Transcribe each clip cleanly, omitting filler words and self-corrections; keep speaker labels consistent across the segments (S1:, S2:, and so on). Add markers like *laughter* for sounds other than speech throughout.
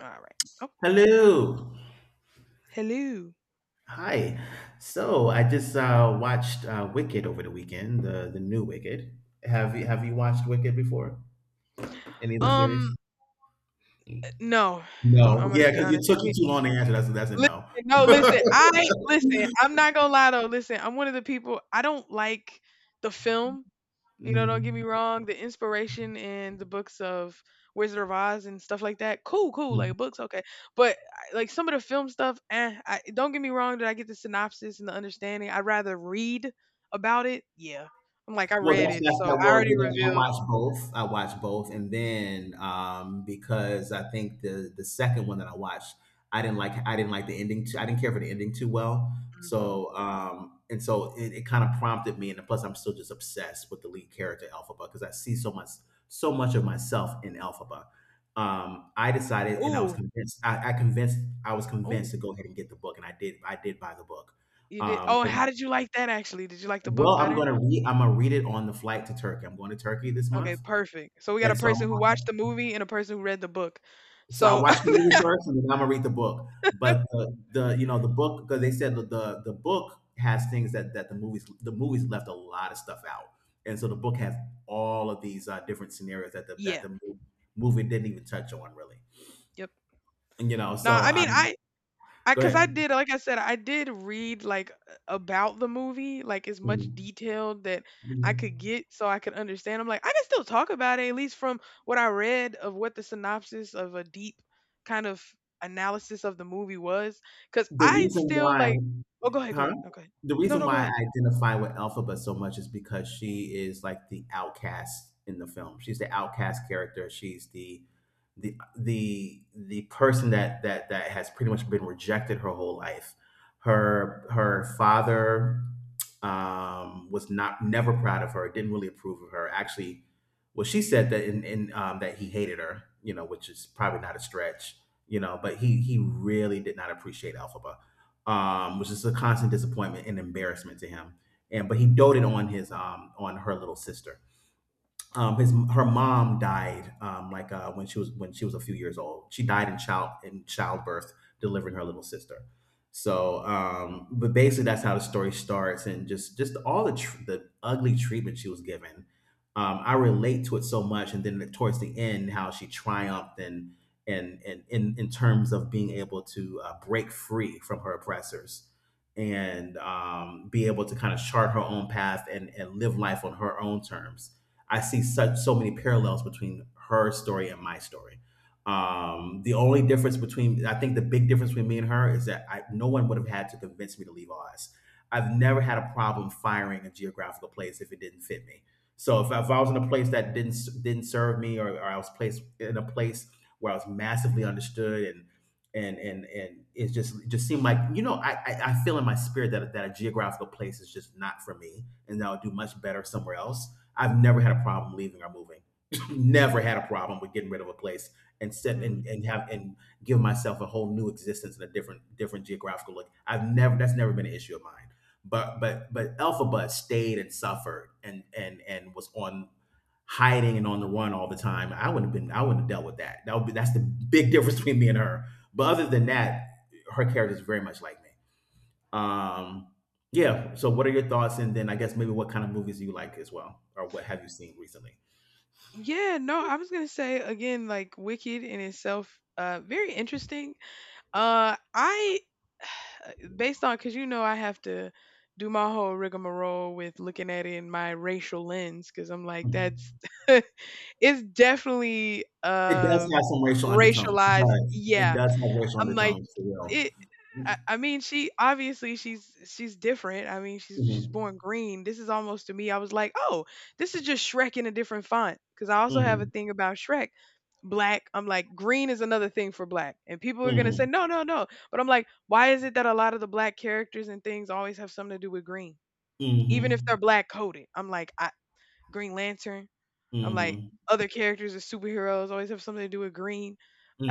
S1: All right. Oh,
S2: Hello.
S1: hello.
S2: Hi. So I just watched Wicked over the weekend, the new Wicked. Have you watched Wicked before? Any of the
S1: Um,
S2: series?
S1: no, I'm
S2: No.
S1: gonna
S2: Yeah,
S1: be
S2: because it
S1: honest.
S2: took you
S1: We
S2: too long to answer. That's a
S1: listen.
S2: no.
S1: No, listen.
S2: *laughs*
S1: I listen. I'm not gonna lie though. Listen, I'm one of the people. I don't like the film. You know, don't get me
S2: Mm.
S1: wrong. The inspiration in the books of Wizard of Oz and stuff like that. Cool, cool. Like books, okay. But like some of the film stuff. Eh. I, don't get me wrong. Did I get the synopsis and the understanding. I'd rather read about it. Yeah. I'm like I
S2: Well,
S1: read
S2: that's
S1: it,
S2: that's
S1: so
S2: that.
S1: I
S2: Well,
S1: already
S2: I
S1: revealed.
S2: watch both. I watch both, and then because I think the second one that I watched, I didn't like. I didn't like the ending. Too, I didn't care for the ending too well.
S1: Hmm.
S2: So and so it kind of prompted me, and plus I'm still just obsessed with the lead character Elphaba because I see so much of myself in Elphaba. I decided, and I was
S1: Ooh.
S2: convinced. I convinced. I was
S1: Ooh.
S2: convinced to go ahead and get the book, and I did. I did buy the book.
S1: You did, oh, and
S2: 'Cause
S1: how did you like that actually? Did you like the book
S2: well,
S1: better?
S2: I'm gonna read it on the flight to Turkey. I'm going to Turkey this
S1: Okay,
S2: month,
S1: perfect. So we got a
S2: and
S1: person who watched the movie and a person who read the book.
S2: so I
S1: So,
S2: watched the movie first, and then I'm gonna read the book. But the the book, because they said that the book has things that the movies left a lot of stuff out, and so the book has all of these different scenarios that the that
S1: *laughs* yeah.
S2: the movie didn't even touch on really.
S1: Yep.
S2: And,
S1: No,
S2: so
S1: I mean
S2: I'm
S1: I
S2: go
S1: cuz I
S2: ahead.
S1: did, like I said, I did read like about the movie, like as much detail that I could
S2: Mhm.
S1: get so I could understand. I'm like I can still talk about it at least from what I read of what the synopsis of a deep kind of analysis of the movie was, cuz
S2: The
S1: I
S2: reason
S1: still
S2: why,
S1: like. Oh, go ahead, go
S2: huh?
S1: ahead. No, go ahead.
S2: The
S1: No,
S2: reason
S1: no, go
S2: why
S1: ahead.
S2: I identify with Elphaba so much is because she is like the outcast in the film. She's the outcast character. She's the person that has pretty much been rejected her whole life. Her father was not never proud of her. Didn't really approve of her. Actually, well, she said that in that he hated her. Which is probably not a stretch, but he really did not appreciate Alphaba, which is a constant disappointment and embarrassment to him. And but he doted on his on her little sister. Um, his her mom died like when she was a few years old. She died in childbirth, delivering her little sister. So, but basically, that's how the story starts, and just all the ugly treatment she was given. I relate to it so much, and then towards the end, how she triumphed and and in terms of being able to break free from her oppressors, and be able to kind of chart her own path and live life on her own terms. I see such so many parallels between her story and my story. The only difference between, I think, the big difference between me and her is that no one would have had to convince me to leave Oz. I've never had a problem firing a geographical place if it didn't fit me. So if I was in a place that didn't serve me, or I was placed in a place where I was massively understood and and it just seemed like I feel in my spirit that a geographical place is just not for me, and that I'll do much better somewhere else. I've never had a problem leaving or moving. *laughs* Never had a problem with getting rid of a place and set and
S1: Mhm.
S2: have and give myself a whole new existence in a different different geographical look. I've never that's never been an issue of mine. But Alpha stayed and suffered and was on hiding and on the run all the time. I wouldn't have dealt with that. That would be that's the big *laughs* difference between me and her. But other than that, her character is very much like me. Um, yeah. So, what are your thoughts? And then, I guess maybe what kind of movies you like as well, or what have you seen recently?
S1: Yeah, no, I was gonna say again, like Wicked in itself, very interesting. Uh, I, *sighs* based on, cause you know I have to do my whole rigmarole with looking at it in my racial lens, cause I'm like, that's, *laughs* it's definitely
S2: It does have some racial undertones. It
S1: racialized.
S2: does. It
S1: Yeah,
S2: does have racial
S1: I'm like,
S2: undertones for real.
S1: it. I mean, she obviously she's different. I mean, she's born
S2: Mm-hmm.
S1: green. This is almost to me. I was like, oh, this is just Shrek in a different font. Because I also have a
S2: Mm-hmm.
S1: thing about Shrek. Black, I'm like, green is another thing for black. And people are gonna say,
S2: Mm-hmm.
S1: no, no, no. But I'm like, why is it that a lot of the black characters and things always have something to do with green? Even if they're
S2: Mm-hmm.
S1: black coded. Green Lantern, I'm like
S2: Mm-hmm.
S1: other characters or superheroes always have something to do with green,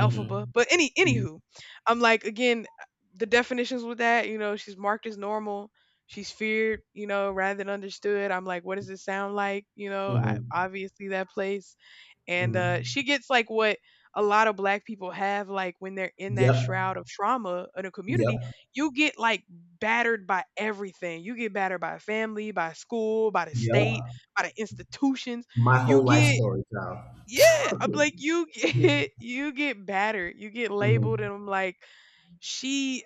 S1: alphaba. But anywho, I'm like again, the definitions with that. You know, she's marked as normal. She's feared, you know, rather than understood. I'm like, what does it sound like? You know, I,
S2: Mm-hmm.
S1: obviously that place and,
S2: Mm-hmm.
S1: she gets like what a lot of black people have, like when they're in that
S2: Yep.
S1: shroud of trauma in a community,
S2: Yep.
S1: you get like battered by everything. You get battered by family, by school, by the state,
S2: Yep.
S1: by the institutions.
S2: My
S1: You
S2: whole life
S1: get,
S2: story,
S1: yeah, I'm
S2: child.
S1: like you get
S2: *laughs*
S1: *laughs* you get battered, you get labeled,
S2: Mhm.
S1: and I'm like she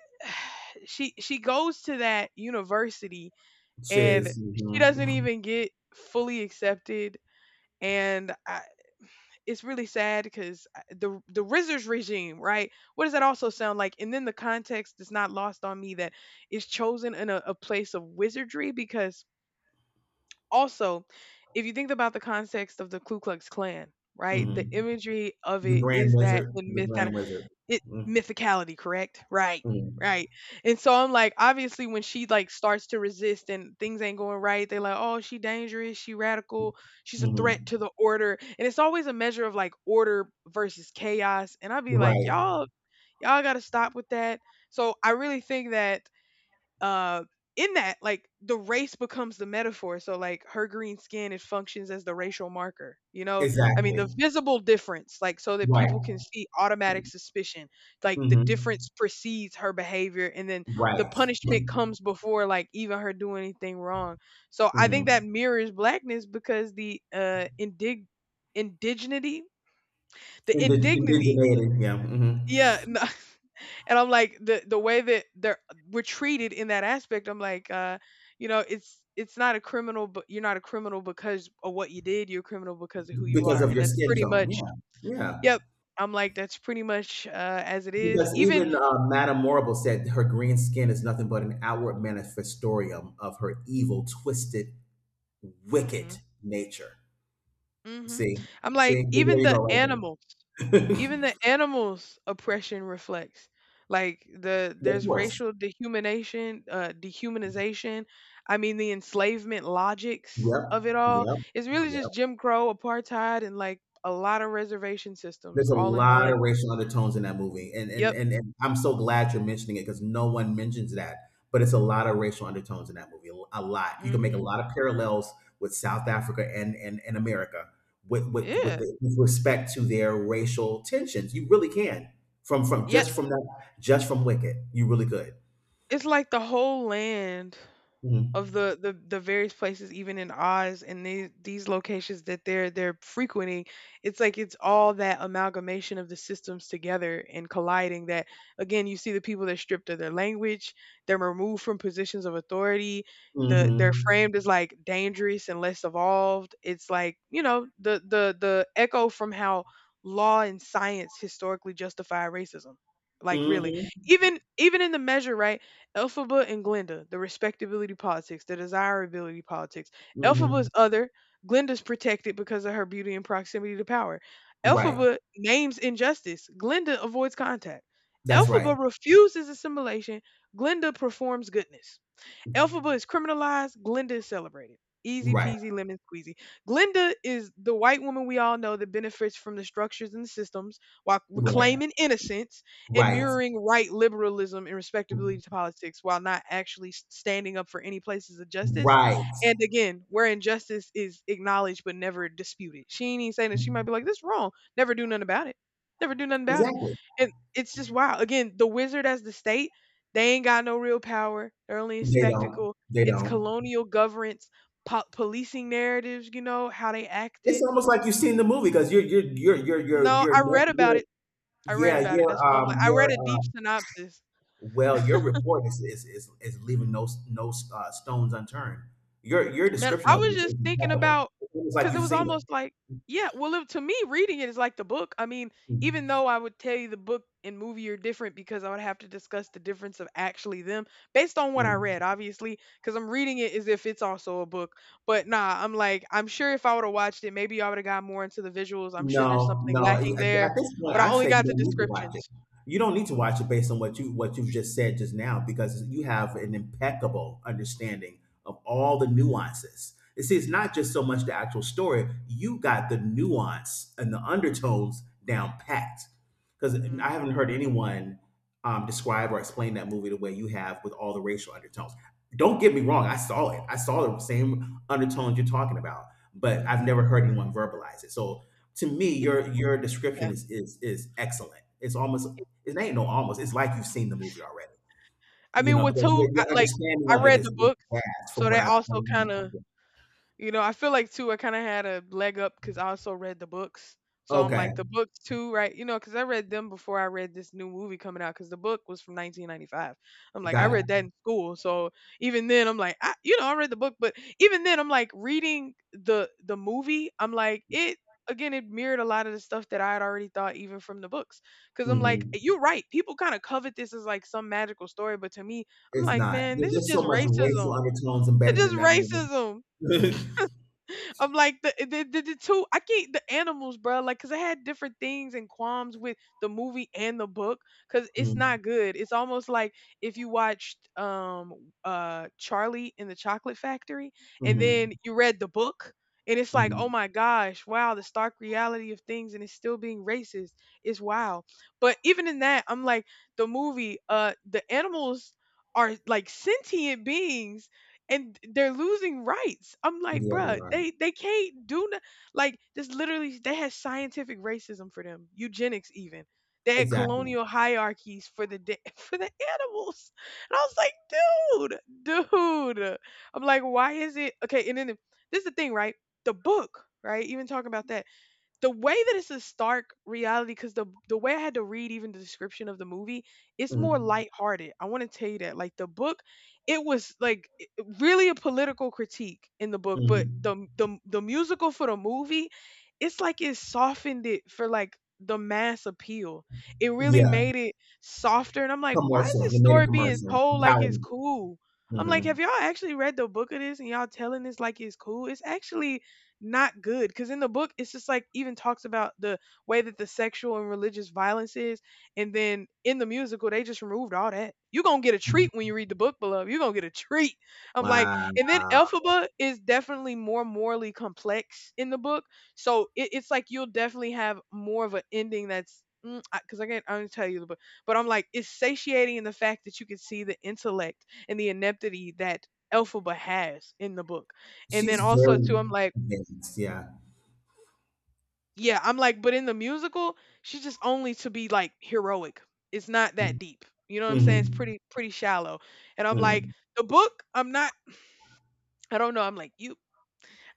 S1: *sighs* she goes to that university and
S2: Shiz.
S1: she doesn't
S2: Mhm.
S1: even get fully accepted, and it's really sad because the RZA's regime, right? What does that also sound like? And then the context is not lost on me that is chosen in a place of wizardry because also, if you think about the context of the Ku Klux Klan, right, the
S2: Mhm.
S1: imagery of
S2: The
S1: it
S2: Grand
S1: is that
S2: Wizard.
S1: in
S2: The
S1: myth
S2: Grand Wizard.
S1: it,
S2: Mhm.
S1: mythicality, correct? Right.
S2: Mhm.
S1: Right. And so I'm like, obviously when she like starts to resist and things ain't going right, they're like, "Oh, she dangerous, she radical, she's a threat
S2: Mhm.
S1: to the order." And it's always a measure of like order versus chaos, and I'll be like,
S2: Right.
S1: "Y'all got to stop with that." So I really think that uh in that, like the race becomes the metaphor, so like her green skin, it functions as the racial marker, you know, I mean
S2: Exactly.
S1: the visible difference, like so that people can
S2: Right.
S1: see automatic suspicion, like the
S2: Mhm.
S1: difference precedes her behavior, and then the
S2: Right.
S1: punishment comes before like even her doing anything wrong. So I think that
S2: Mhm.
S1: mirrors blackness because the indignity, the indignity,
S2: Indigeneity. Yeah. Mhm.
S1: yeah. *laughs* And I'm like the way that they're we're treated in that aspect. I'm like, you know, it's not a criminal, but you're not a criminal because of what you did. You're a criminal because of who you
S2: Because
S1: are,
S2: of
S1: and
S2: your
S1: that's
S2: skin
S1: pretty
S2: tone.
S1: much.
S2: Yeah. Yeah.
S1: Yep, I'm like that's pretty much, as it is.
S2: Because
S1: Even.
S2: even Madame Morrible said her green skin is nothing but an outward manifestorium of her evil, twisted, wicked
S1: Hmm.
S2: nature.
S1: Hmm.
S2: See,
S1: I'm like
S2: see, there
S1: even
S2: you
S1: the
S2: go,
S1: animals.
S2: right there.
S1: Even the animals oppression reflects like
S2: *laughs* Of
S1: there's
S2: course.
S1: racial dehumanation dehumanization, I mean the enslavement logics
S2: Yep,
S1: of it all.
S2: yep,
S1: It's really
S2: yep.
S1: just Jim Crow apartheid and like a lot of reservation systems
S2: There's a
S1: all in
S2: lot
S1: one.
S2: of racial undertones in that movie, and
S1: Yep.
S2: I'm so glad you're mentioning it because no one mentions that. But it's a lot of racial undertones in that movie, a lot. You can make a
S1: Mhm.
S2: lot of parallels with South Africa and, America
S1: Yeah.
S2: with respect to their racial tensions. You really can from
S1: Yeah.
S2: just from that, just from Wicked. You really could.
S1: It's like the whole land of
S2: Mm-hmm.
S1: the various places even in Oz, and these locations that they're frequenting. It's like it's all that amalgamation of the systems together and colliding that, again, you see the people that are stripped of their language, they're removed from positions of authority, they're framed as
S2: Mm-hmm.
S1: like dangerous and less evolved. It's like, you know, the the echo from how law and science historically justify racism, like really,
S2: Mm-hmm.
S1: even, even in the measure, right? Elphaba and Glinda, the respectability politics, the desirability politics.
S2: Mm-hmm.
S1: Elphaba's other. Glinda's protected because of her beauty and proximity to power.
S2: Right.
S1: Elphaba names injustice. Glinda avoids contact.
S2: That's right.
S1: Elphaba refuses assimilation. Glinda performs goodness. Elphaba is criminalized. Glinda is celebrated. Easy
S2: Right.
S1: peasy lemon squeezy. Glinda is the white woman we all know that benefits from the structures and the systems while
S2: Right.
S1: reclaiming innocence and
S2: Right.
S1: mirroring right liberalism and respectability to politics while not actually standing up for any places of justice.
S2: Right.
S1: And again, where injustice is acknowledged but never disputed. She ain't even saying that she might be like, this wrong. Never do nothing about it. Never do nothing about it.
S2: Exactly.
S1: And it's just wow. Again, the wizard as the state, they ain't got no real power. They're only a
S2: They don't.
S1: spectacle.
S2: They
S1: It's
S2: don't.
S1: colonial governance, policing narratives, you know, how they
S2: It's
S1: acted.
S2: almost like you've seen the movie because
S1: No,
S2: you're,
S1: I
S2: ne-
S1: read about
S2: you're
S1: it. I read
S2: yeah
S1: about it. That's why I'm like, I
S2: your
S1: read a deep synopsis.
S2: well your report is leaving no stones unturned. Your
S1: Man,
S2: description
S1: I
S2: of it
S1: was
S2: is,
S1: just
S2: is
S1: thinking
S2: impeccable.
S1: about,
S2: It's almost like
S1: because it
S2: you've
S1: was
S2: seen it.
S1: almost like, yeah, well, it, to me, reading it is like the book. I mean, even
S2: Mm.
S1: though I would tell you the book and movie are different because I would have to discuss the difference of actually them based on what I
S2: Mm.
S1: read, obviously, because I'm reading it as if it's also a book. But nah, I'm like, I'm sure if I would have watched it, maybe I would have got more into the visuals. I'm sure there's
S2: No,
S1: something
S2: no. At
S1: lacking there,
S2: at this point,
S1: but I
S2: I
S1: only
S2: say you
S1: got the
S2: don't need to watch it.
S1: descriptions.
S2: You don't need to watch it based on what you've just said just now because you have an impeccable understanding of all the nuances. You see, it's not just so much the actual story. You got the nuance and the undertones down packed. Because I
S1: Mm-hmm.
S2: haven't heard anyone describe or explain that movie the way you have with all the racial undertones. Don't get me wrong. I saw it. I saw the same undertones you're talking about, but I've
S1: Mm-hmm.
S2: never heard anyone verbalize it. So to me, your
S1: Yeah.
S2: description is excellent. It ain't no almost. It's like you've seen the movie already.
S1: I mean, with
S2: Because
S1: two,
S2: your
S1: like,
S2: understanding
S1: I
S2: of it
S1: read
S2: is,
S1: the
S2: is
S1: book,
S2: vast
S1: so
S2: from what
S1: that
S2: I've
S1: also kind
S2: seen.
S1: of, you know, I feel like too, I kind of had a leg up because I also read the books. So I'm
S2: Okay,
S1: like, the books too, right? You know, because I read them before I read this new movie coming out because the book was from 1995. I'm like, I
S2: got it.
S1: read that in school. So even then, I'm like, you know, I read the book, but even then, I'm like, reading the movie, I'm like, it, again, it mirrored a lot of the stuff that I had already thought even from the books. Because I'm like,
S2: Hmm.
S1: you're right. People kind of covet this as like some magical story, but to me, I'm
S2: It's
S1: like,
S2: not.
S1: man, this is
S2: There's
S1: just
S2: so much racial
S1: racism.
S2: undertones
S1: It's
S2: embedded
S1: just
S2: in that movie.
S1: racism.
S2: *laughs*
S1: I'm like the two, I can't, the animals, bro. Like, cause I had different things and qualms with the movie and the book, cause it's
S2: Mm-hmm.
S1: not good. It's almost like if you watched Charlie in the Chocolate Factory and
S2: Hmm.
S1: then you read the book. And it's like, oh my gosh, wow, the stark reality of things, and it's still being racist. It's wow. But even in that, I'm like, the movie, the animals are like sentient beings and they're losing rights. I'm like,
S2: Yeah, they
S1: bruh,
S2: are
S1: they can't do no, like this. Literally, they had scientific racism for them, eugenics even. They had
S2: exactly.
S1: colonial hierarchies for the *laughs* for the animals, and I was like, dude, dude. I'm like, why is it okay? And then this is the thing, right? The book, right? Even talking about that, the way that it's a stark reality, because the way I had to read even the description of the movie, it's more
S2: Mm-hmm.
S1: lighthearted. I want to tell you that. Like the book, it was like really a political critique in the book, but
S2: Mm-hmm.
S1: the musical for the movie, it's like it softened it for like the mass appeal. It really
S2: Yeah,
S1: made it softer. And I'm like, why is this
S2: they made
S1: story
S2: a
S1: being
S2: commercial,
S1: told like it's
S2: palatable.
S1: cool? I'm like,
S2: Hmm.
S1: have y'all actually read the book of this and y'all telling this like it's cool? It's actually not good because in the book it's just like even talks about the way that the sexual and religious violence is, and then in the musical they just removed all that. You're gonna get a treat when you read the book Beloved. You're gonna get a treat. I'm like, and then
S2: Wow,
S1: Elphaba is definitely more morally complex in the book, so it's like you'll definitely have more of an ending that's because 'cause I can't, I only tell you the book. But I'm like, it's satiating in the fact that you can see the intellect and the ineptity that Elphaba has in the book. And then
S2: she's
S1: also too
S2: very
S1: I'm like,
S2: advanced. Yeah.
S1: yeah, I'm like, but in the musical, she's just only to be like heroic. It's not that deep. You know what I'm saying? It's
S2: Mhm.
S1: pretty shallow. And I'm like,
S2: Mhm.
S1: the book, I don't know. I'm like, you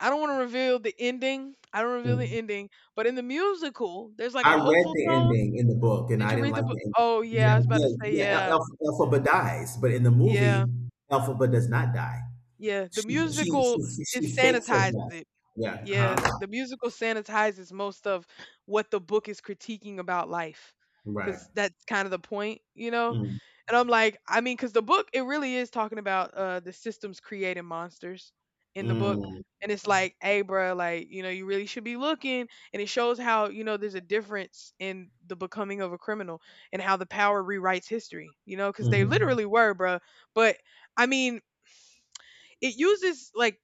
S1: I don't want to reveal the ending. I don't reveal the
S2: Mm.
S1: ending. But in the musical, there's like
S2: I
S1: a
S2: read
S1: hopeful
S2: the
S1: tone.
S2: ending in the book, and
S1: Did
S2: I
S1: you
S2: didn't
S1: read the
S2: like
S1: book?
S2: the ending.
S1: Oh yeah, I
S2: Yeah,
S1: was about to
S2: yeah,
S1: say,
S2: yeah.
S1: yeah.
S2: Elphaba dies, but in the
S1: Yeah.
S2: movie, Elphaba does not die.
S1: Yeah. The
S2: She she she,
S1: musical,
S2: she
S1: it
S2: she fakes her
S1: sanitizes
S2: death.
S1: it.
S2: Yeah. Uh
S1: Yeah,
S2: huh.
S1: the musical sanitizes most of what the book is critiquing about life,
S2: Right.
S1: because that's kind of the point, you know.
S2: Mm.
S1: And I'm like, I mean, because the book, it really is talking about the systems creating monsters in the book.
S2: Mm.
S1: And it's like, hey, bro, like you know, you really should be looking, and it shows how you know there's a difference in the becoming of a criminal and how the power rewrites history, you know, because they
S2: Mm.
S1: literally were, bro. But I mean, it uses like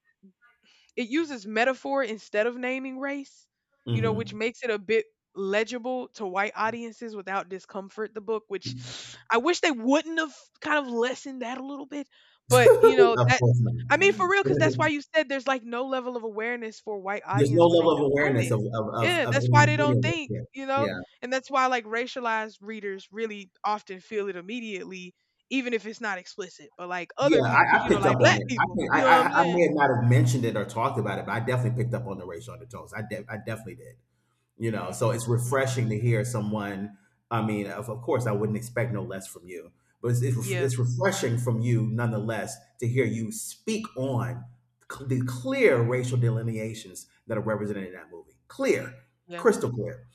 S1: it uses metaphor instead of naming race, you know, which
S2: Mm.
S1: makes it a bit legible to white audiences without discomfort, the book, which *sniffs* I wish they wouldn't have kind of lessened that a little bit. But, you know,
S2: *laughs* Of
S1: that's,
S2: course
S1: I mean,
S2: not.
S1: for real, because that's
S2: *laughs*
S1: why you said there's like no level of awareness for white
S2: There's no
S1: audience when they
S2: level of
S1: consume
S2: awareness
S1: it.
S2: of
S1: Yeah, that's
S2: any
S1: why they
S2: any
S1: don't
S2: of this.
S1: think,
S2: Yeah.
S1: you know?
S2: Yeah.
S1: And that's why like racialized readers really often feel it immediately even if it's not explicit, but like other
S2: Yeah,
S1: people,
S2: I,
S1: because
S2: I
S1: you know,
S2: picked
S1: like
S2: up
S1: black
S2: on it. I
S1: people,
S2: think
S1: you
S2: I,
S1: know
S2: I
S1: what I'm
S2: I
S1: saying?
S2: may not have mentioned it or talked about it, but I definitely picked up on the racial undertones. I definitely did. So it's
S1: Mhm,
S2: refreshing
S1: mhm.
S2: to hear someone. I mean, of course, I wouldn't expect no less from you, but it's, it's ref-
S1: Yeah,
S2: it's refreshing from you nonetheless to hear you speak on the clear racial delineations that are represented in that movie. Clear,
S1: yeah,
S2: crystal clear.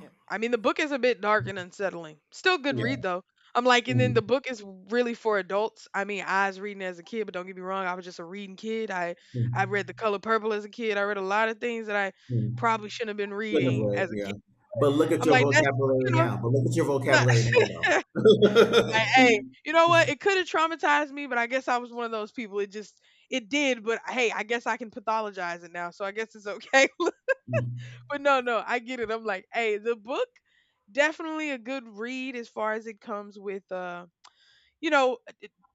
S1: yeah. I mean, the book is a bit dark and unsettling. Still good read
S2: Yeah.
S1: though. I'm like, and then the
S2: Mm,
S1: book is really for adults. I mean, I was reading it as a kid, but don't get me wrong, I was just a reading kid. I
S2: mm,
S1: read The Color Purple as a kid. I read a lot of things that I
S2: mm.
S1: probably shouldn't have been
S2: Could not have
S1: reading
S2: would,
S1: as a
S2: yeah.
S1: kid.
S2: But look at
S1: I'm
S2: your
S1: like, that's,
S2: vocabulary
S1: you know,
S2: now. But look at your
S1: *laughs*
S2: vocabulary now,
S1: like,
S2: though. *laughs*
S1: hey, you know what? It could have traumatized me, but I guess I was one of those people. It just, it did, but hey, I guess I can pathologize it now, so I guess it's okay. *laughs*
S2: Mm,
S1: But no, no, I get it. I'm like, hey, the book definitely a good read as far as it comes with you know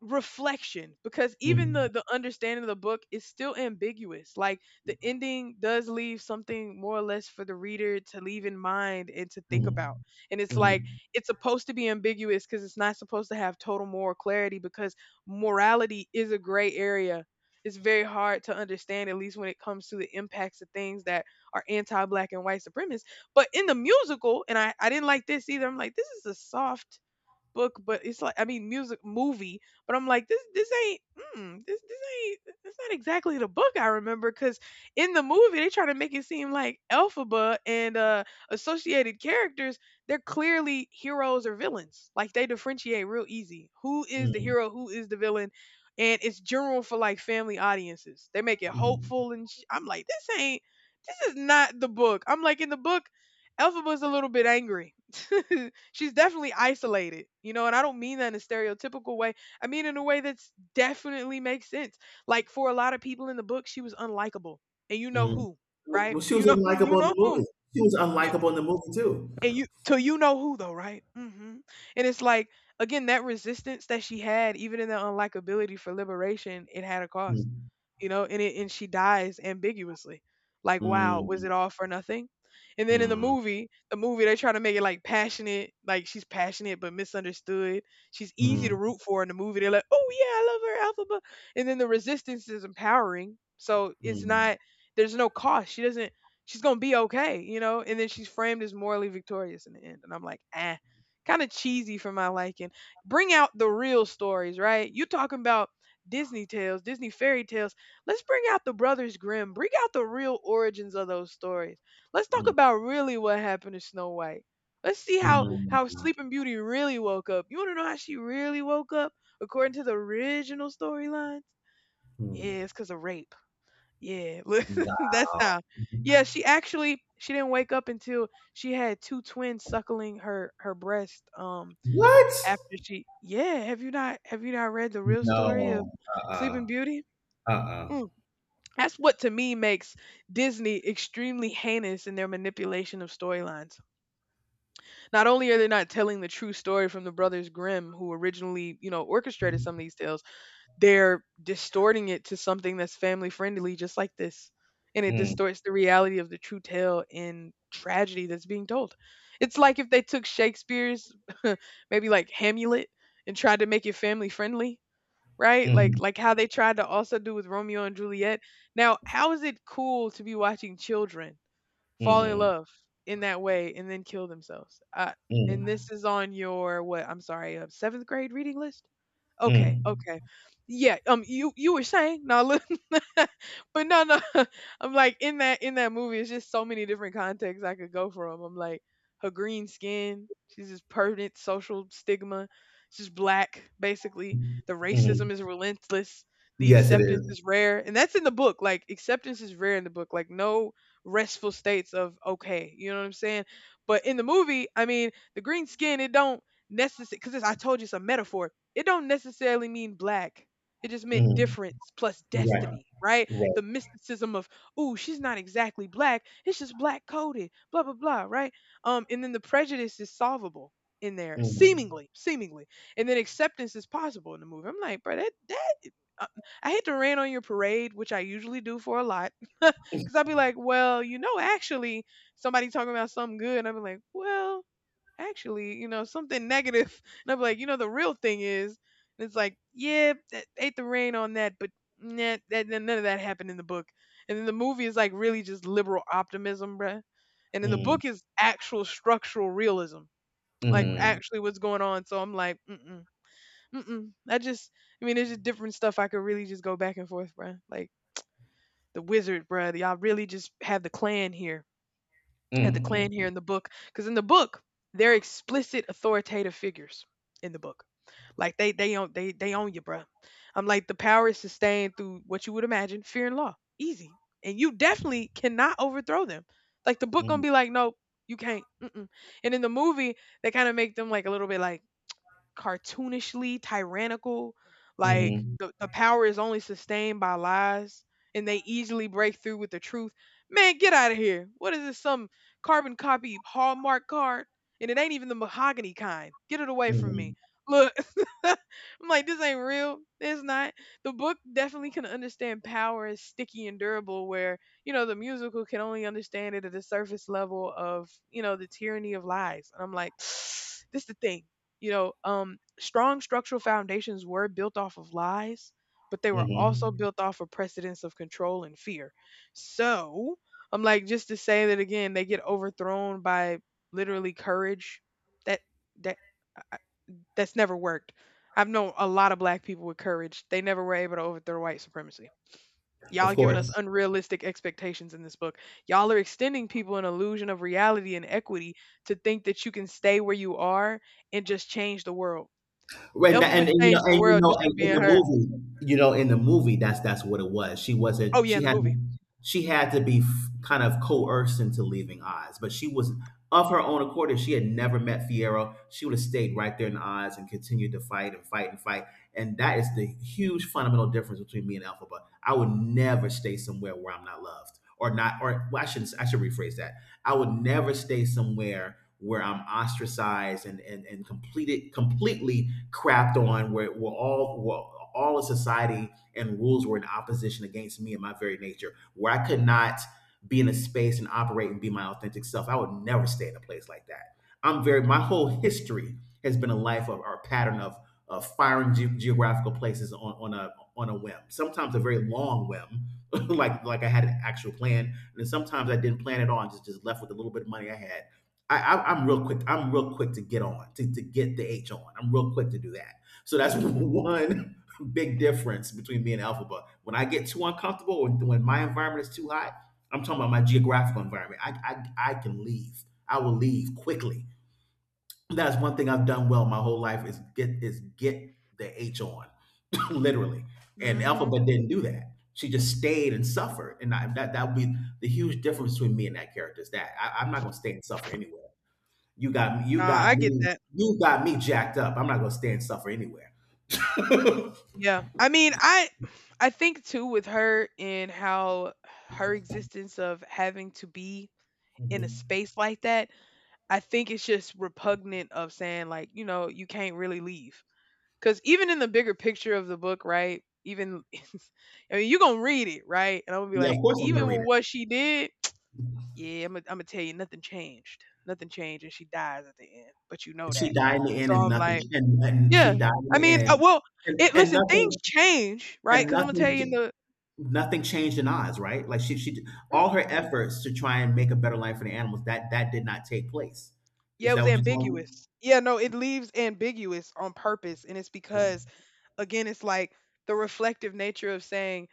S1: reflection, because even the
S2: mm,
S1: the understanding of the book is still ambiguous. Like the ending does leave something more or less for the reader to leave in mind and to think about,
S2: mm,
S1: and it's like,
S2: mm,
S1: it's supposed to be ambiguous because it's not supposed to have total moral clarity, because morality is a gray area. It's very hard to understand, at least when it comes to the impacts of things that are anti-black and white supremacist. But in the musical, and I didn't like this either. I'm like, this is a soft book, but it's like, I mean, music, movie, but I'm like this ain't, mm, this ain't, it's not exactly the book I remember, because in the movie they try to make it seem like Elphaba and associated characters, they're clearly heroes or villains. Like they differentiate real easy who is the
S2: mm,
S1: hero, who is the villain, and it's general for like family audiences. They make it
S2: mm,
S1: hopeful and sh- I'm like, this ain't, this is not the book. I'm like, in the book Elphaba was a little bit angry. *laughs* She's definitely isolated, you know, and I don't mean that in a stereotypical way. I mean in a way that's definitely makes sense. Like for a lot of people in the book, she was unlikable. And you know
S2: mm.
S1: who,
S2: Well,
S1: right?
S2: well, she
S1: You
S2: was
S1: know, *laughs* you
S2: unlikable in
S1: know
S2: the
S1: whom.
S2: movie. She was
S1: You
S2: unlikable in the movie too.
S1: And you till you know who though, right? Hmm. And it's like, again, that resistance that she had, even in the unlikability for liberation, it had a cost,
S2: Mm,
S1: you know, and she dies ambiguously. Like, wow, was
S2: mm,
S1: it all for nothing? And then in the
S2: mm,
S1: movie, they try to make it like passionate, like she's passionate but misunderstood. She's easy to
S2: mm,
S1: root for in the movie. They're like, oh yeah, I love her, alpha. Blah." And then the resistance is empowering, so it's
S2: mm,
S1: not. There's no cost. She doesn't. She's gonna be okay, you know. And then she's framed as morally victorious in the end. And I'm like, ah, kind of cheesy for my liking. Bring out the real stories, right? You talking about Disney tales, Disney fairy tales. Let's bring out the Brothers Grimm. Bring out the real origins of those stories. Let's talk
S2: mm,
S1: about really what happened to Snow White. Let's see how
S2: mm,
S1: how Sleeping Beauty really woke up. You want to know how she really woke up according to the original storylines?
S2: mm.
S1: Yeah, it's because of rape. Yeah, *laughs* look, that's
S2: Wow.
S1: how. Yeah, she actually, she didn't wake up until she had two twins suckling her breast.
S2: What?
S1: After she, yeah, have you not read the real story of
S2: No. Uh-uh.
S1: Sleeping Beauty?
S2: Uh-uh.
S1: Mm. That's what to me makes Disney extremely heinous in their manipulation of storylines. Not only are they not telling the true story from the Brothers Grimm, who originally, you know, orchestrated some of these tales, they're distorting it to something that's family friendly, just like this. And it
S2: Mm,
S1: distorts the reality of the true tale and tragedy that's being told. It's like if they took Shakespeare's, *laughs* maybe like Hamlet, and tried to make it family friendly, right? Like
S2: mm,
S1: how they tried to also do with Romeo and Juliet. Now, how is it cool to be watching children fall in
S2: mm,
S1: love in that way and then kill themselves? And this is on your what? I'm sorry, seventh grade reading list.
S2: mm,
S1: Okay, okay. Yeah, um, you were saying, now look, *laughs* but no, no, *laughs* I'm like, in that movie it's just so many different contexts I could go from. I'm like, her green skin, she's just permanent social stigma, she's black, basically.
S2: mm,
S1: The racism
S2: mm.
S1: is relentless, the
S2: Yes, it
S1: acceptance
S2: is.
S1: is rare. And that's in the book. Like acceptance is rare in the book. Like no restful states of okay. You know what I'm saying? But in the movie, I mean, the green skin, it don't necessarily, because I told you it's a metaphor, it don't necessarily mean black. It just meant
S2: Mhm.
S1: difference plus
S2: Right,
S1: destiny, right?
S2: right.
S1: The mysticism of, ooh, she's not exactly black. It's just black coded, blah blah blah, right? And then the prejudice is solvable in there,
S2: Mhm,
S1: seemingly, seemingly, and then acceptance is possible in the movie. I'm like, bro, that uh, I hate to rant on your parade, which I usually do for a lot, *laughs* because I'll be like, well, you know, actually, somebody talking about something good, and I will be like, well, actually, you know, something negative. *laughs* And I'm like, you know, the real thing is, and it's like, yeah, that ate the rain on that, but nah, that, none of that happened in the book. And then the movie is like really just liberal optimism, bruh. And then the
S2: mhm,
S1: book is actual structural realism, like
S2: mhm,
S1: actually what's going on. So I'm like, mm-mm, mm-mm. I mean, there's just different stuff I could really just go back and forth, bruh. Like the wizard, bruh. Y'all really just have the clan here at the Klan here
S2: mhm,
S1: in the book, because in the book they're explicit authoritative figures in the book. Like they own, they own you, bruh. I'm like the power is sustained through what you would imagine fear and law, easy, and you definitely cannot overthrow them. Like the book gonna
S2: mhm,
S1: be like, no, you can't. Mm-mm. And in the movie, they kind of make them like a little bit like cartoonishly tyrannical. Like
S2: mhm,
S1: the power is only sustained by lies, and they easily break through with the truth. Man, get out of here. What is this? Some carbon copy Hallmark card? And it ain't even the mahogany kind. Get it away from me.
S2: mhm,
S1: Look, *laughs* I'm like, this ain't real. It's not. The book definitely can understand power as sticky and durable, where, the musical can only understand it at the surface level of, the tyranny of lies. And I'm like, *sighs* this the thing. Strong structural foundations were built off of lies, but they were also
S2: mhm.
S1: built off of precedents of control and fear. So I'm like, just to say that again, they get overthrown by literally courage. That that I- that's never worked. I've known a lot of black people with courage. They never were able to overthrow white supremacy. Y'all
S2: Of
S1: giving us
S2: course.
S1: unrealistic expectations in this book. Y'all are extending people an illusion of reality and equity to think that you can stay where you are and just change the world.
S2: When
S1: Elphaba
S2: and
S1: changed the world just
S2: and
S1: from
S2: in
S1: being
S2: the
S1: her.
S2: movie, that's what it was. She
S1: Oh,
S2: wasn't.
S1: yeah, in the movie.
S2: She had to be kind of coerced into leaving Oz, but she was of her own accord. If she had never met Fiero, she would have stayed right there in Oz and continued to fight and fight and fight. And that is the huge fundamental difference between me and Alphaba. I would never stay somewhere where I'm not loved or not. Or well, I shouldn't. I should rephrase that. I would never stay somewhere where I'm ostracized and completed completely crapped on, where were all of society and rules were in opposition against me and my very nature, where I could not be in a space and operate and be my authentic self. I would never stay in a place like that. I'm very, my whole
S1: Mhm.
S2: history has been a life of, or a pattern of, firing geographical places on, a on a whim, sometimes a very long whim. *laughs* Like I had an actual plan, and then sometimes I didn't plan at all and just left with a little bit of money I had. I'm real quick. I'm real quick to get on to, get the H on. I'm real quick to do that. So that's *laughs*
S1: Mhm.
S2: one big difference between me and Alpha. But when I get too uncomfortable, when my environment is too hot, I'm talking about my geographical environment. I can leave. I will leave quickly. That's one thing I've done well my whole life, is get the H on, *laughs* literally. And
S1: Mhm.
S2: Alphabet didn't do that. She just stayed and suffered. And I, that would be the huge difference between me and that character, is that I'm not going to stay and suffer anywhere. You got me. You
S1: Nah,
S2: got
S1: I get
S2: me.
S1: that.
S2: You got me jacked up. I'm not gonna stand suffer anywhere. *laughs*
S1: Yeah. I mean, I think too with her and how her existence of having to be in a
S2: Mhm.
S1: space like that, I think it's just repugnant of saying like, you can't really leave. Cuz even in the bigger picture of the book, right? Even *laughs* I mean, you're going to read it, right? And I'm going to be
S2: Yeah, of
S1: like,
S2: course I'm gonna
S1: even
S2: read
S1: with
S2: it.
S1: what she did, yeah, Imma tell you nothing changed. Nothing changed, and she dies at the end, but you know that.
S2: She died in the end,
S1: So
S2: and
S1: I'm
S2: nothing.
S1: like
S2: And
S1: yeah.
S2: she died in
S1: I
S2: the
S1: mean,
S2: end,
S1: well,
S2: and,
S1: it
S2: and
S1: listen, things
S2: nothing.
S1: change, right?
S2: And
S1: Because I 'Cause Imma tell
S2: nothing.
S1: you in the
S2: Nothing changed in Oz, right? Like all her
S1: mm-mm.
S2: efforts to try and make a better life for the animals, that did not take place.
S1: Yeah,
S2: Is
S1: it
S2: that
S1: was
S2: what you're telling
S1: ambiguous. Yeah, no, it leaves ambiguous on purpose, and it's
S2: me?
S1: because again it's like the reflective nature of saying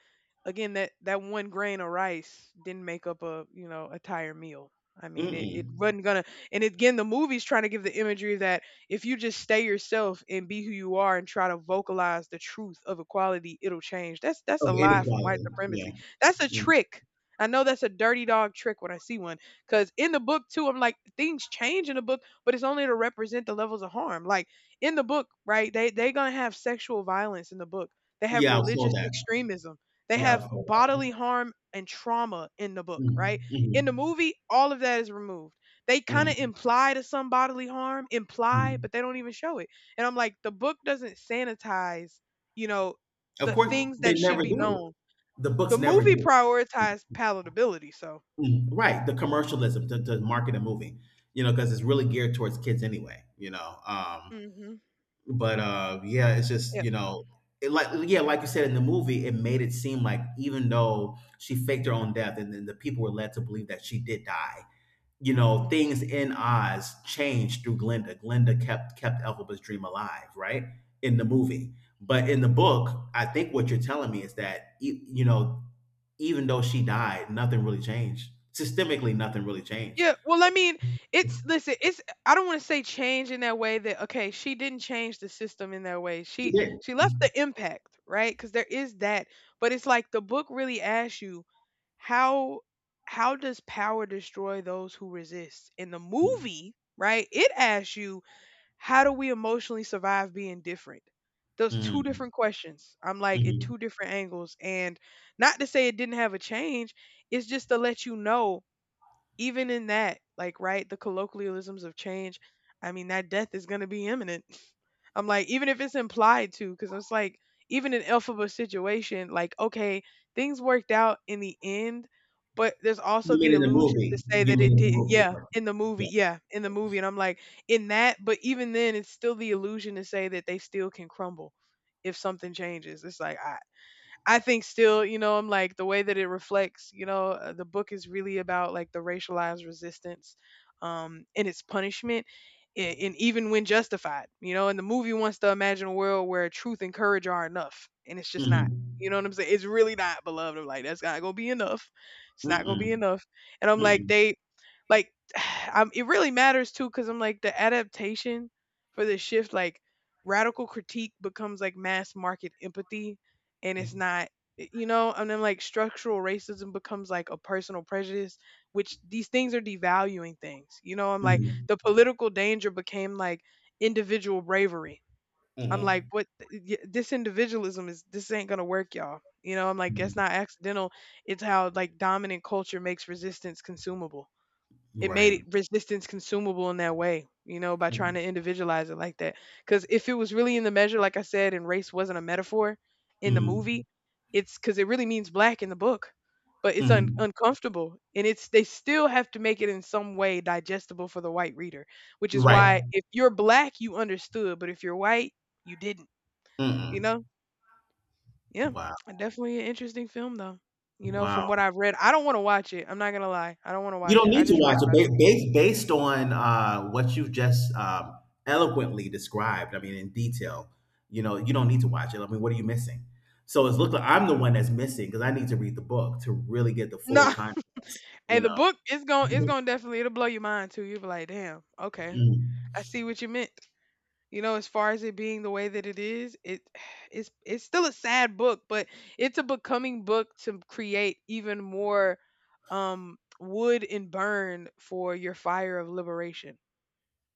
S1: again that one grain of rice didn't make up a, entire meal. I
S2: Mm.
S1: mean, it
S2: Mm-mm.
S1: wasn't gonna. And again the movie's trying to give the imagery that if you just stay yourself and be who you are and try to vocalize the truth of equality, it'll change. That's a
S2: Of
S1: lie from white
S2: inequality. Yeah.
S1: supremacy. That's a
S2: Mm.
S1: trick. I know that's a dirty dog trick when I see one, because in the book too I'm like things change in the book, but it's only to represent the levels of harm. Like in the book, right? They gonna have sexual violence in the book. They have
S2: Yeah, I saw
S1: religious
S2: that.
S1: extremism. They
S2: Yeah, I
S1: have
S2: saw
S1: bodily
S2: that.
S1: harm and trauma in the book, right?
S2: Mm,
S1: In the
S2: mhm,
S1: movie, all of that is removed. They kind of
S2: mm,
S1: imply to some bodily harm, imply,
S2: mm.
S1: but they don't even show it. And I'm like, the book doesn't sanitize, you know,
S2: Of
S1: the
S2: course,
S1: things
S2: they
S1: that should
S2: never
S1: be known.
S2: do. The
S1: The
S2: books never
S1: movie
S2: do. Yeah.
S1: prioritized palatability, so.
S2: Mm, right. The commercialism to, market a movie, you know, because it's really geared towards kids anyway, you know.
S1: Hmm.
S2: But yeah, it's
S1: Yeah.
S2: just, you know, it like yeah, like you said, in the movie it made it seem like even though she faked her own death, and then the people were led to believe that she did die, you know,
S1: Hmm.
S2: things in Oz changed through Glinda. Glinda kept Elphaba's dream alive, right? In the movie. But in the book, I think what you're telling me is that you know, even though she died, nothing really changed. Systemically, nothing really changed.
S1: Yeah, well, I mean, it's listen, it's I don't want to say change in that way that okay, she didn't change the system in that way.
S2: She
S1: She
S2: did.
S1: she left the impact, right? Cuz there is that, but it's like the book really asks you how how does power destroy those who resist? In the movie, right? It asks you how do we emotionally survive being different? Those two
S2: Mm,
S1: different questions. I'm like in
S2: mhm.
S1: two different angles and not to say it didn't have a change, it's just to let you know even in that, like, right, the colloquialisms of change, I mean, that death is going to be imminent. *laughs* I'm like, even if it's implied to, because it's like, even in Elphaba's situation, like, okay, things worked out in the end, but there's also
S2: You mean
S1: the
S2: in the
S1: illusion to
S2: movie?
S1: say
S2: You
S1: that
S2: mean
S1: it
S2: in the
S1: didn't.
S2: movie?
S1: Yeah,
S2: Right.
S1: in the
S2: Yeah.
S1: movie. Yeah, in the movie. And I'm like, in that, but even then, it's still the illusion to say that they still can crumble if something changes. It's like, I think still, you know, I'm like the way that it reflects, the book is really about like the racialized resistance and its punishment and even when justified, you know, and the movie wants to imagine a world where truth and courage are enough, and it's just not. You know
S2: Mm-hmm.
S1: what I'm saying? It's really not beloved. I'm like that's not going to be enough. It's not going to be
S2: Mm-mm.
S1: enough. And I'm like
S2: Mm-mm.
S1: they like *sighs* I'm, it really matters too cuz I'm like the adaptation for this shift, like radical critique becomes like mass market empathy, and it's not you know, and then like structural racism becomes like a personal prejudice, which these things are devaluing things, you know, I'm like
S2: Mm-mm.
S1: the political danger became like individual bravery. I'm like
S2: Mm-mm.
S1: what? This individualism is this ain't gonna work, y'all, you know, I'm like that's not accidental. It's how like dominant culture makes resistance consumable. It made
S2: Right.
S1: it resistance consumable in that way, you know, by trying
S2: Mm-mm.
S1: to individualize it like that. Because if it was really in the measure, like I said, and race wasn't a metaphor in the movie, it's because it really means black in the book, but uncomfortable, and it's they still have to make it in some way digestible for the white reader, which is
S2: Right.
S1: why if you're black, you understood, but if you're white, you didn't, you know?
S2: Mm-mm.
S1: Yeah,
S2: Wow.
S1: definitely an interesting film though. You know, from
S2: Wow.
S1: what I've read, I don't want to watch it. I'm not gonna lie, I don't want to
S2: You
S1: watch
S2: don't
S1: it. I
S2: need to
S1: just read
S2: watch it,
S1: about
S2: based based on what you've just eloquently described. I mean, in detail. You know, you don't need to watch it. I mean, what are you missing? So it's look like I'm the one that's missing, because I need to read the book to really get the
S1: it.
S2: full
S1: No,
S2: context.
S1: hey,
S2: You
S1: the
S2: know.
S1: book is going it's
S2: Mhm.
S1: going to definitely it'll blow your mind too. You'll be like, "Damn, okay. I
S2: Mhm.
S1: see what you meant." You know, as far as it being the way that it is, it *sighs* it's still a sad book, but it's a becoming book to create even more wood and burn for your fire of liberation,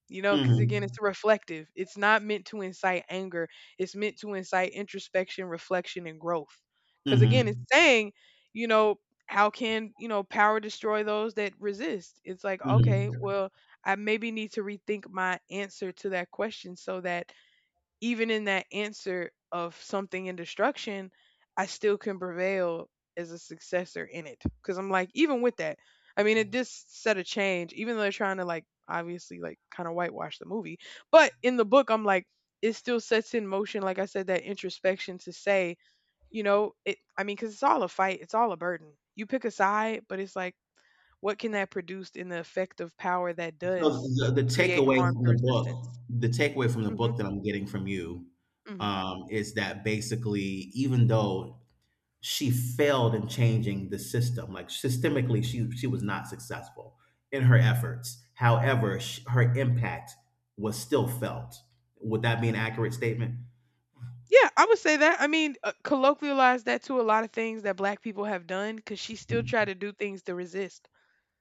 S1: you know, because again it's reflective. It's not meant to incite anger. It's meant to incite introspection, reflection and growth, because again it's
S2: Mhm.
S1: saying, you know, how can, you know, power destroy those that resist? It's like okay,
S2: Mhm.
S1: well, I maybe need to rethink my answer to that question so that even in that answer of something in destruction, I still can prevail as a successor in it. Cause I'm like, even with that, I mean, it this set a change, even though they're trying to like obviously like kind of whitewash the movie. But in the book, I'm like, it still sets in motion, like I said, that introspection to say, you know, it, I mean, cause it's all a fight, it's all a burden. You pick a side, but it's like, what can that produce in the effect of power that
S2: So
S1: does
S2: the,
S1: create
S2: takeaway
S1: harm
S2: from
S1: through
S2: the book,
S1: resistance?
S2: the takeaway from the
S1: Hmm.
S2: book that I'm getting from you,
S1: Hmm.
S2: is that basically, even though she failed in changing the system. Like systemically, she was not successful in her efforts. However, sh her impact was still felt. Would that be an accurate statement?
S1: Yeah, I would say that. I mean, colloquialize that to a lot of things that black people have done because she still
S2: Hmm.
S1: tried to do things to resist.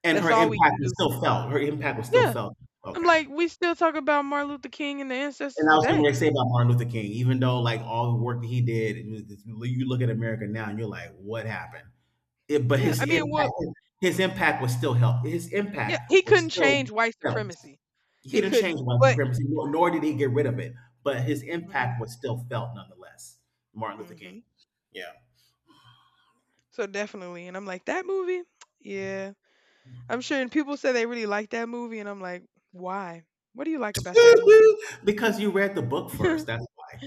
S2: And
S1: That's
S2: her
S1: all we
S2: impact
S1: can
S2: is
S1: do.
S2: still felt. Her impact was still
S1: Yeah.
S2: felt.
S1: I'm
S2: Okay.
S1: like, we still talk about Martin Luther King and the ancestors
S2: And I was
S1: today.
S2: going to say about Martin Luther King, even though like all the work that he did, and you look at America now and you're like, what happened? It, but
S1: Yeah. I mean, well,
S2: his impact was still help. His
S1: yeah,
S2: impact
S1: he
S2: was
S1: couldn't
S2: still
S1: change white
S2: felt.
S1: supremacy.
S2: He
S1: He
S2: didn't change
S1: couldn't.
S2: white
S1: But,
S2: supremacy, nor did he get rid of it, but his
S1: hmm.
S2: impact was still felt nonetheless. Martin Luther
S1: Hmm.
S2: King. Yeah.
S1: So definitely. And I'm like, that movie? *tsk* Yeah. I'm sure. And people say they really like that movie. And I'm like, why? What do you like about that movie?
S2: *laughs* Because you read the book first.
S1: *laughs*
S2: That's why.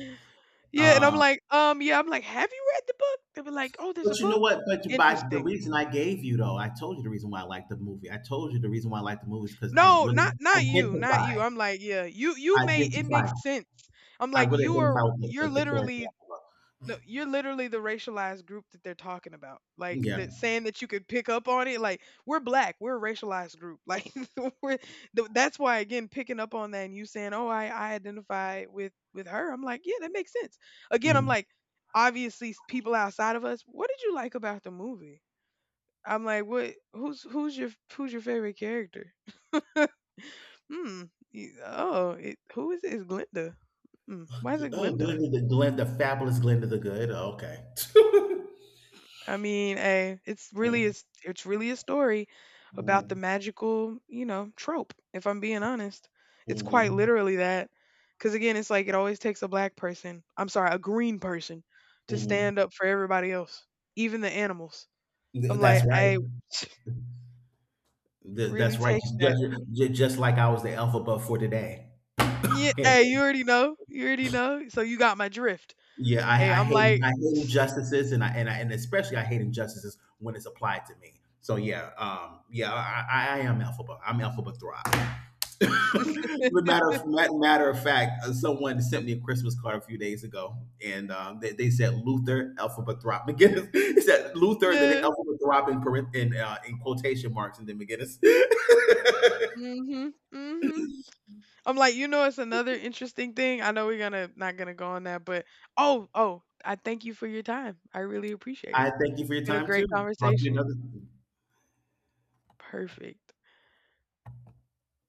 S1: Yeah, and I'm
S2: Um,
S1: like, yeah, I'm like, have you read the book? They were like, oh, there's a
S2: but you know
S1: book.
S2: what? But by the
S1: Interesting.
S2: reason I gave you, though, I told you the reason why I liked the movie. I told you the reason why I liked the movie is because I
S1: No,
S2: really
S1: not you, not you.
S2: identify,
S1: I'm like, yeah, you may it
S2: identify,
S1: makes sense. I'm
S2: I
S1: like,
S2: really
S1: you
S2: identify
S1: are
S2: with
S1: you're
S2: the
S1: literally
S2: character.
S1: no, you're literally the racialized group that they're talking about. Like
S2: Yeah.
S1: that saying that you could pick up on it. Like we're black, we're a racialized group. *laughs* Like we're, that's why again picking up on that and you saying, "Oh, I identify with her." I'm like, "Yeah, that makes sense." Again, I'm
S2: Mm.
S1: like, obviously people outside of us, what did you like about the movie? I'm like, "What who's your who's your favorite character?" Hmm. Oh, it, who is it? It's Glinda. Hmm. Why is it
S2: Oh,
S1: Glinda?
S2: Glenda the, Glenda the fabulous, Glenda the Good. Oh, okay.
S1: I mean, hey,
S2: *laughs* Mm,
S1: it's really a story about the
S2: mm,
S1: magical, you know, trope, if I'm being honest. It's quite
S2: mhm,
S1: literally that. Cause again, it's like it always takes a black person, I'm sorry, a green person to
S2: mhm.
S1: stand up for everybody else, even the animals. I'm
S2: Th that's
S1: like,
S2: right.
S1: hey, *laughs* *sniffs*
S2: Th
S1: really
S2: that's right.
S1: takes that.
S2: Just ju just like I was the alphabet for today.
S1: Yeah,
S2: And
S1: hey, you already know. You already know. So you got my drift.
S2: yeah,
S1: Hey, I'm like,
S2: I hate injustices, and I and I and especially I hate injustices when it's applied to me. So yeah, yeah, I am alphabet. I'm alphabet thrive. *laughs* But matter of fact, someone sent me a Christmas card a few days ago, and they said Luther alphabet thrive McGinnis. *laughs* It said Luther, then
S1: yeah.
S2: alphabet thrive in, in quotation marks, and then McGinnis. *laughs*
S1: Hmm. Hmm. I'm like, you know, it's another interesting thing. I know we're gonna not gonna go on that, but oh, oh, I thank you for your time. I really appreciate
S2: I
S1: it.
S2: thank you for your
S1: Been a
S2: time
S1: great
S2: too. Talk to you
S1: conversation.
S2: another.
S1: Perfect.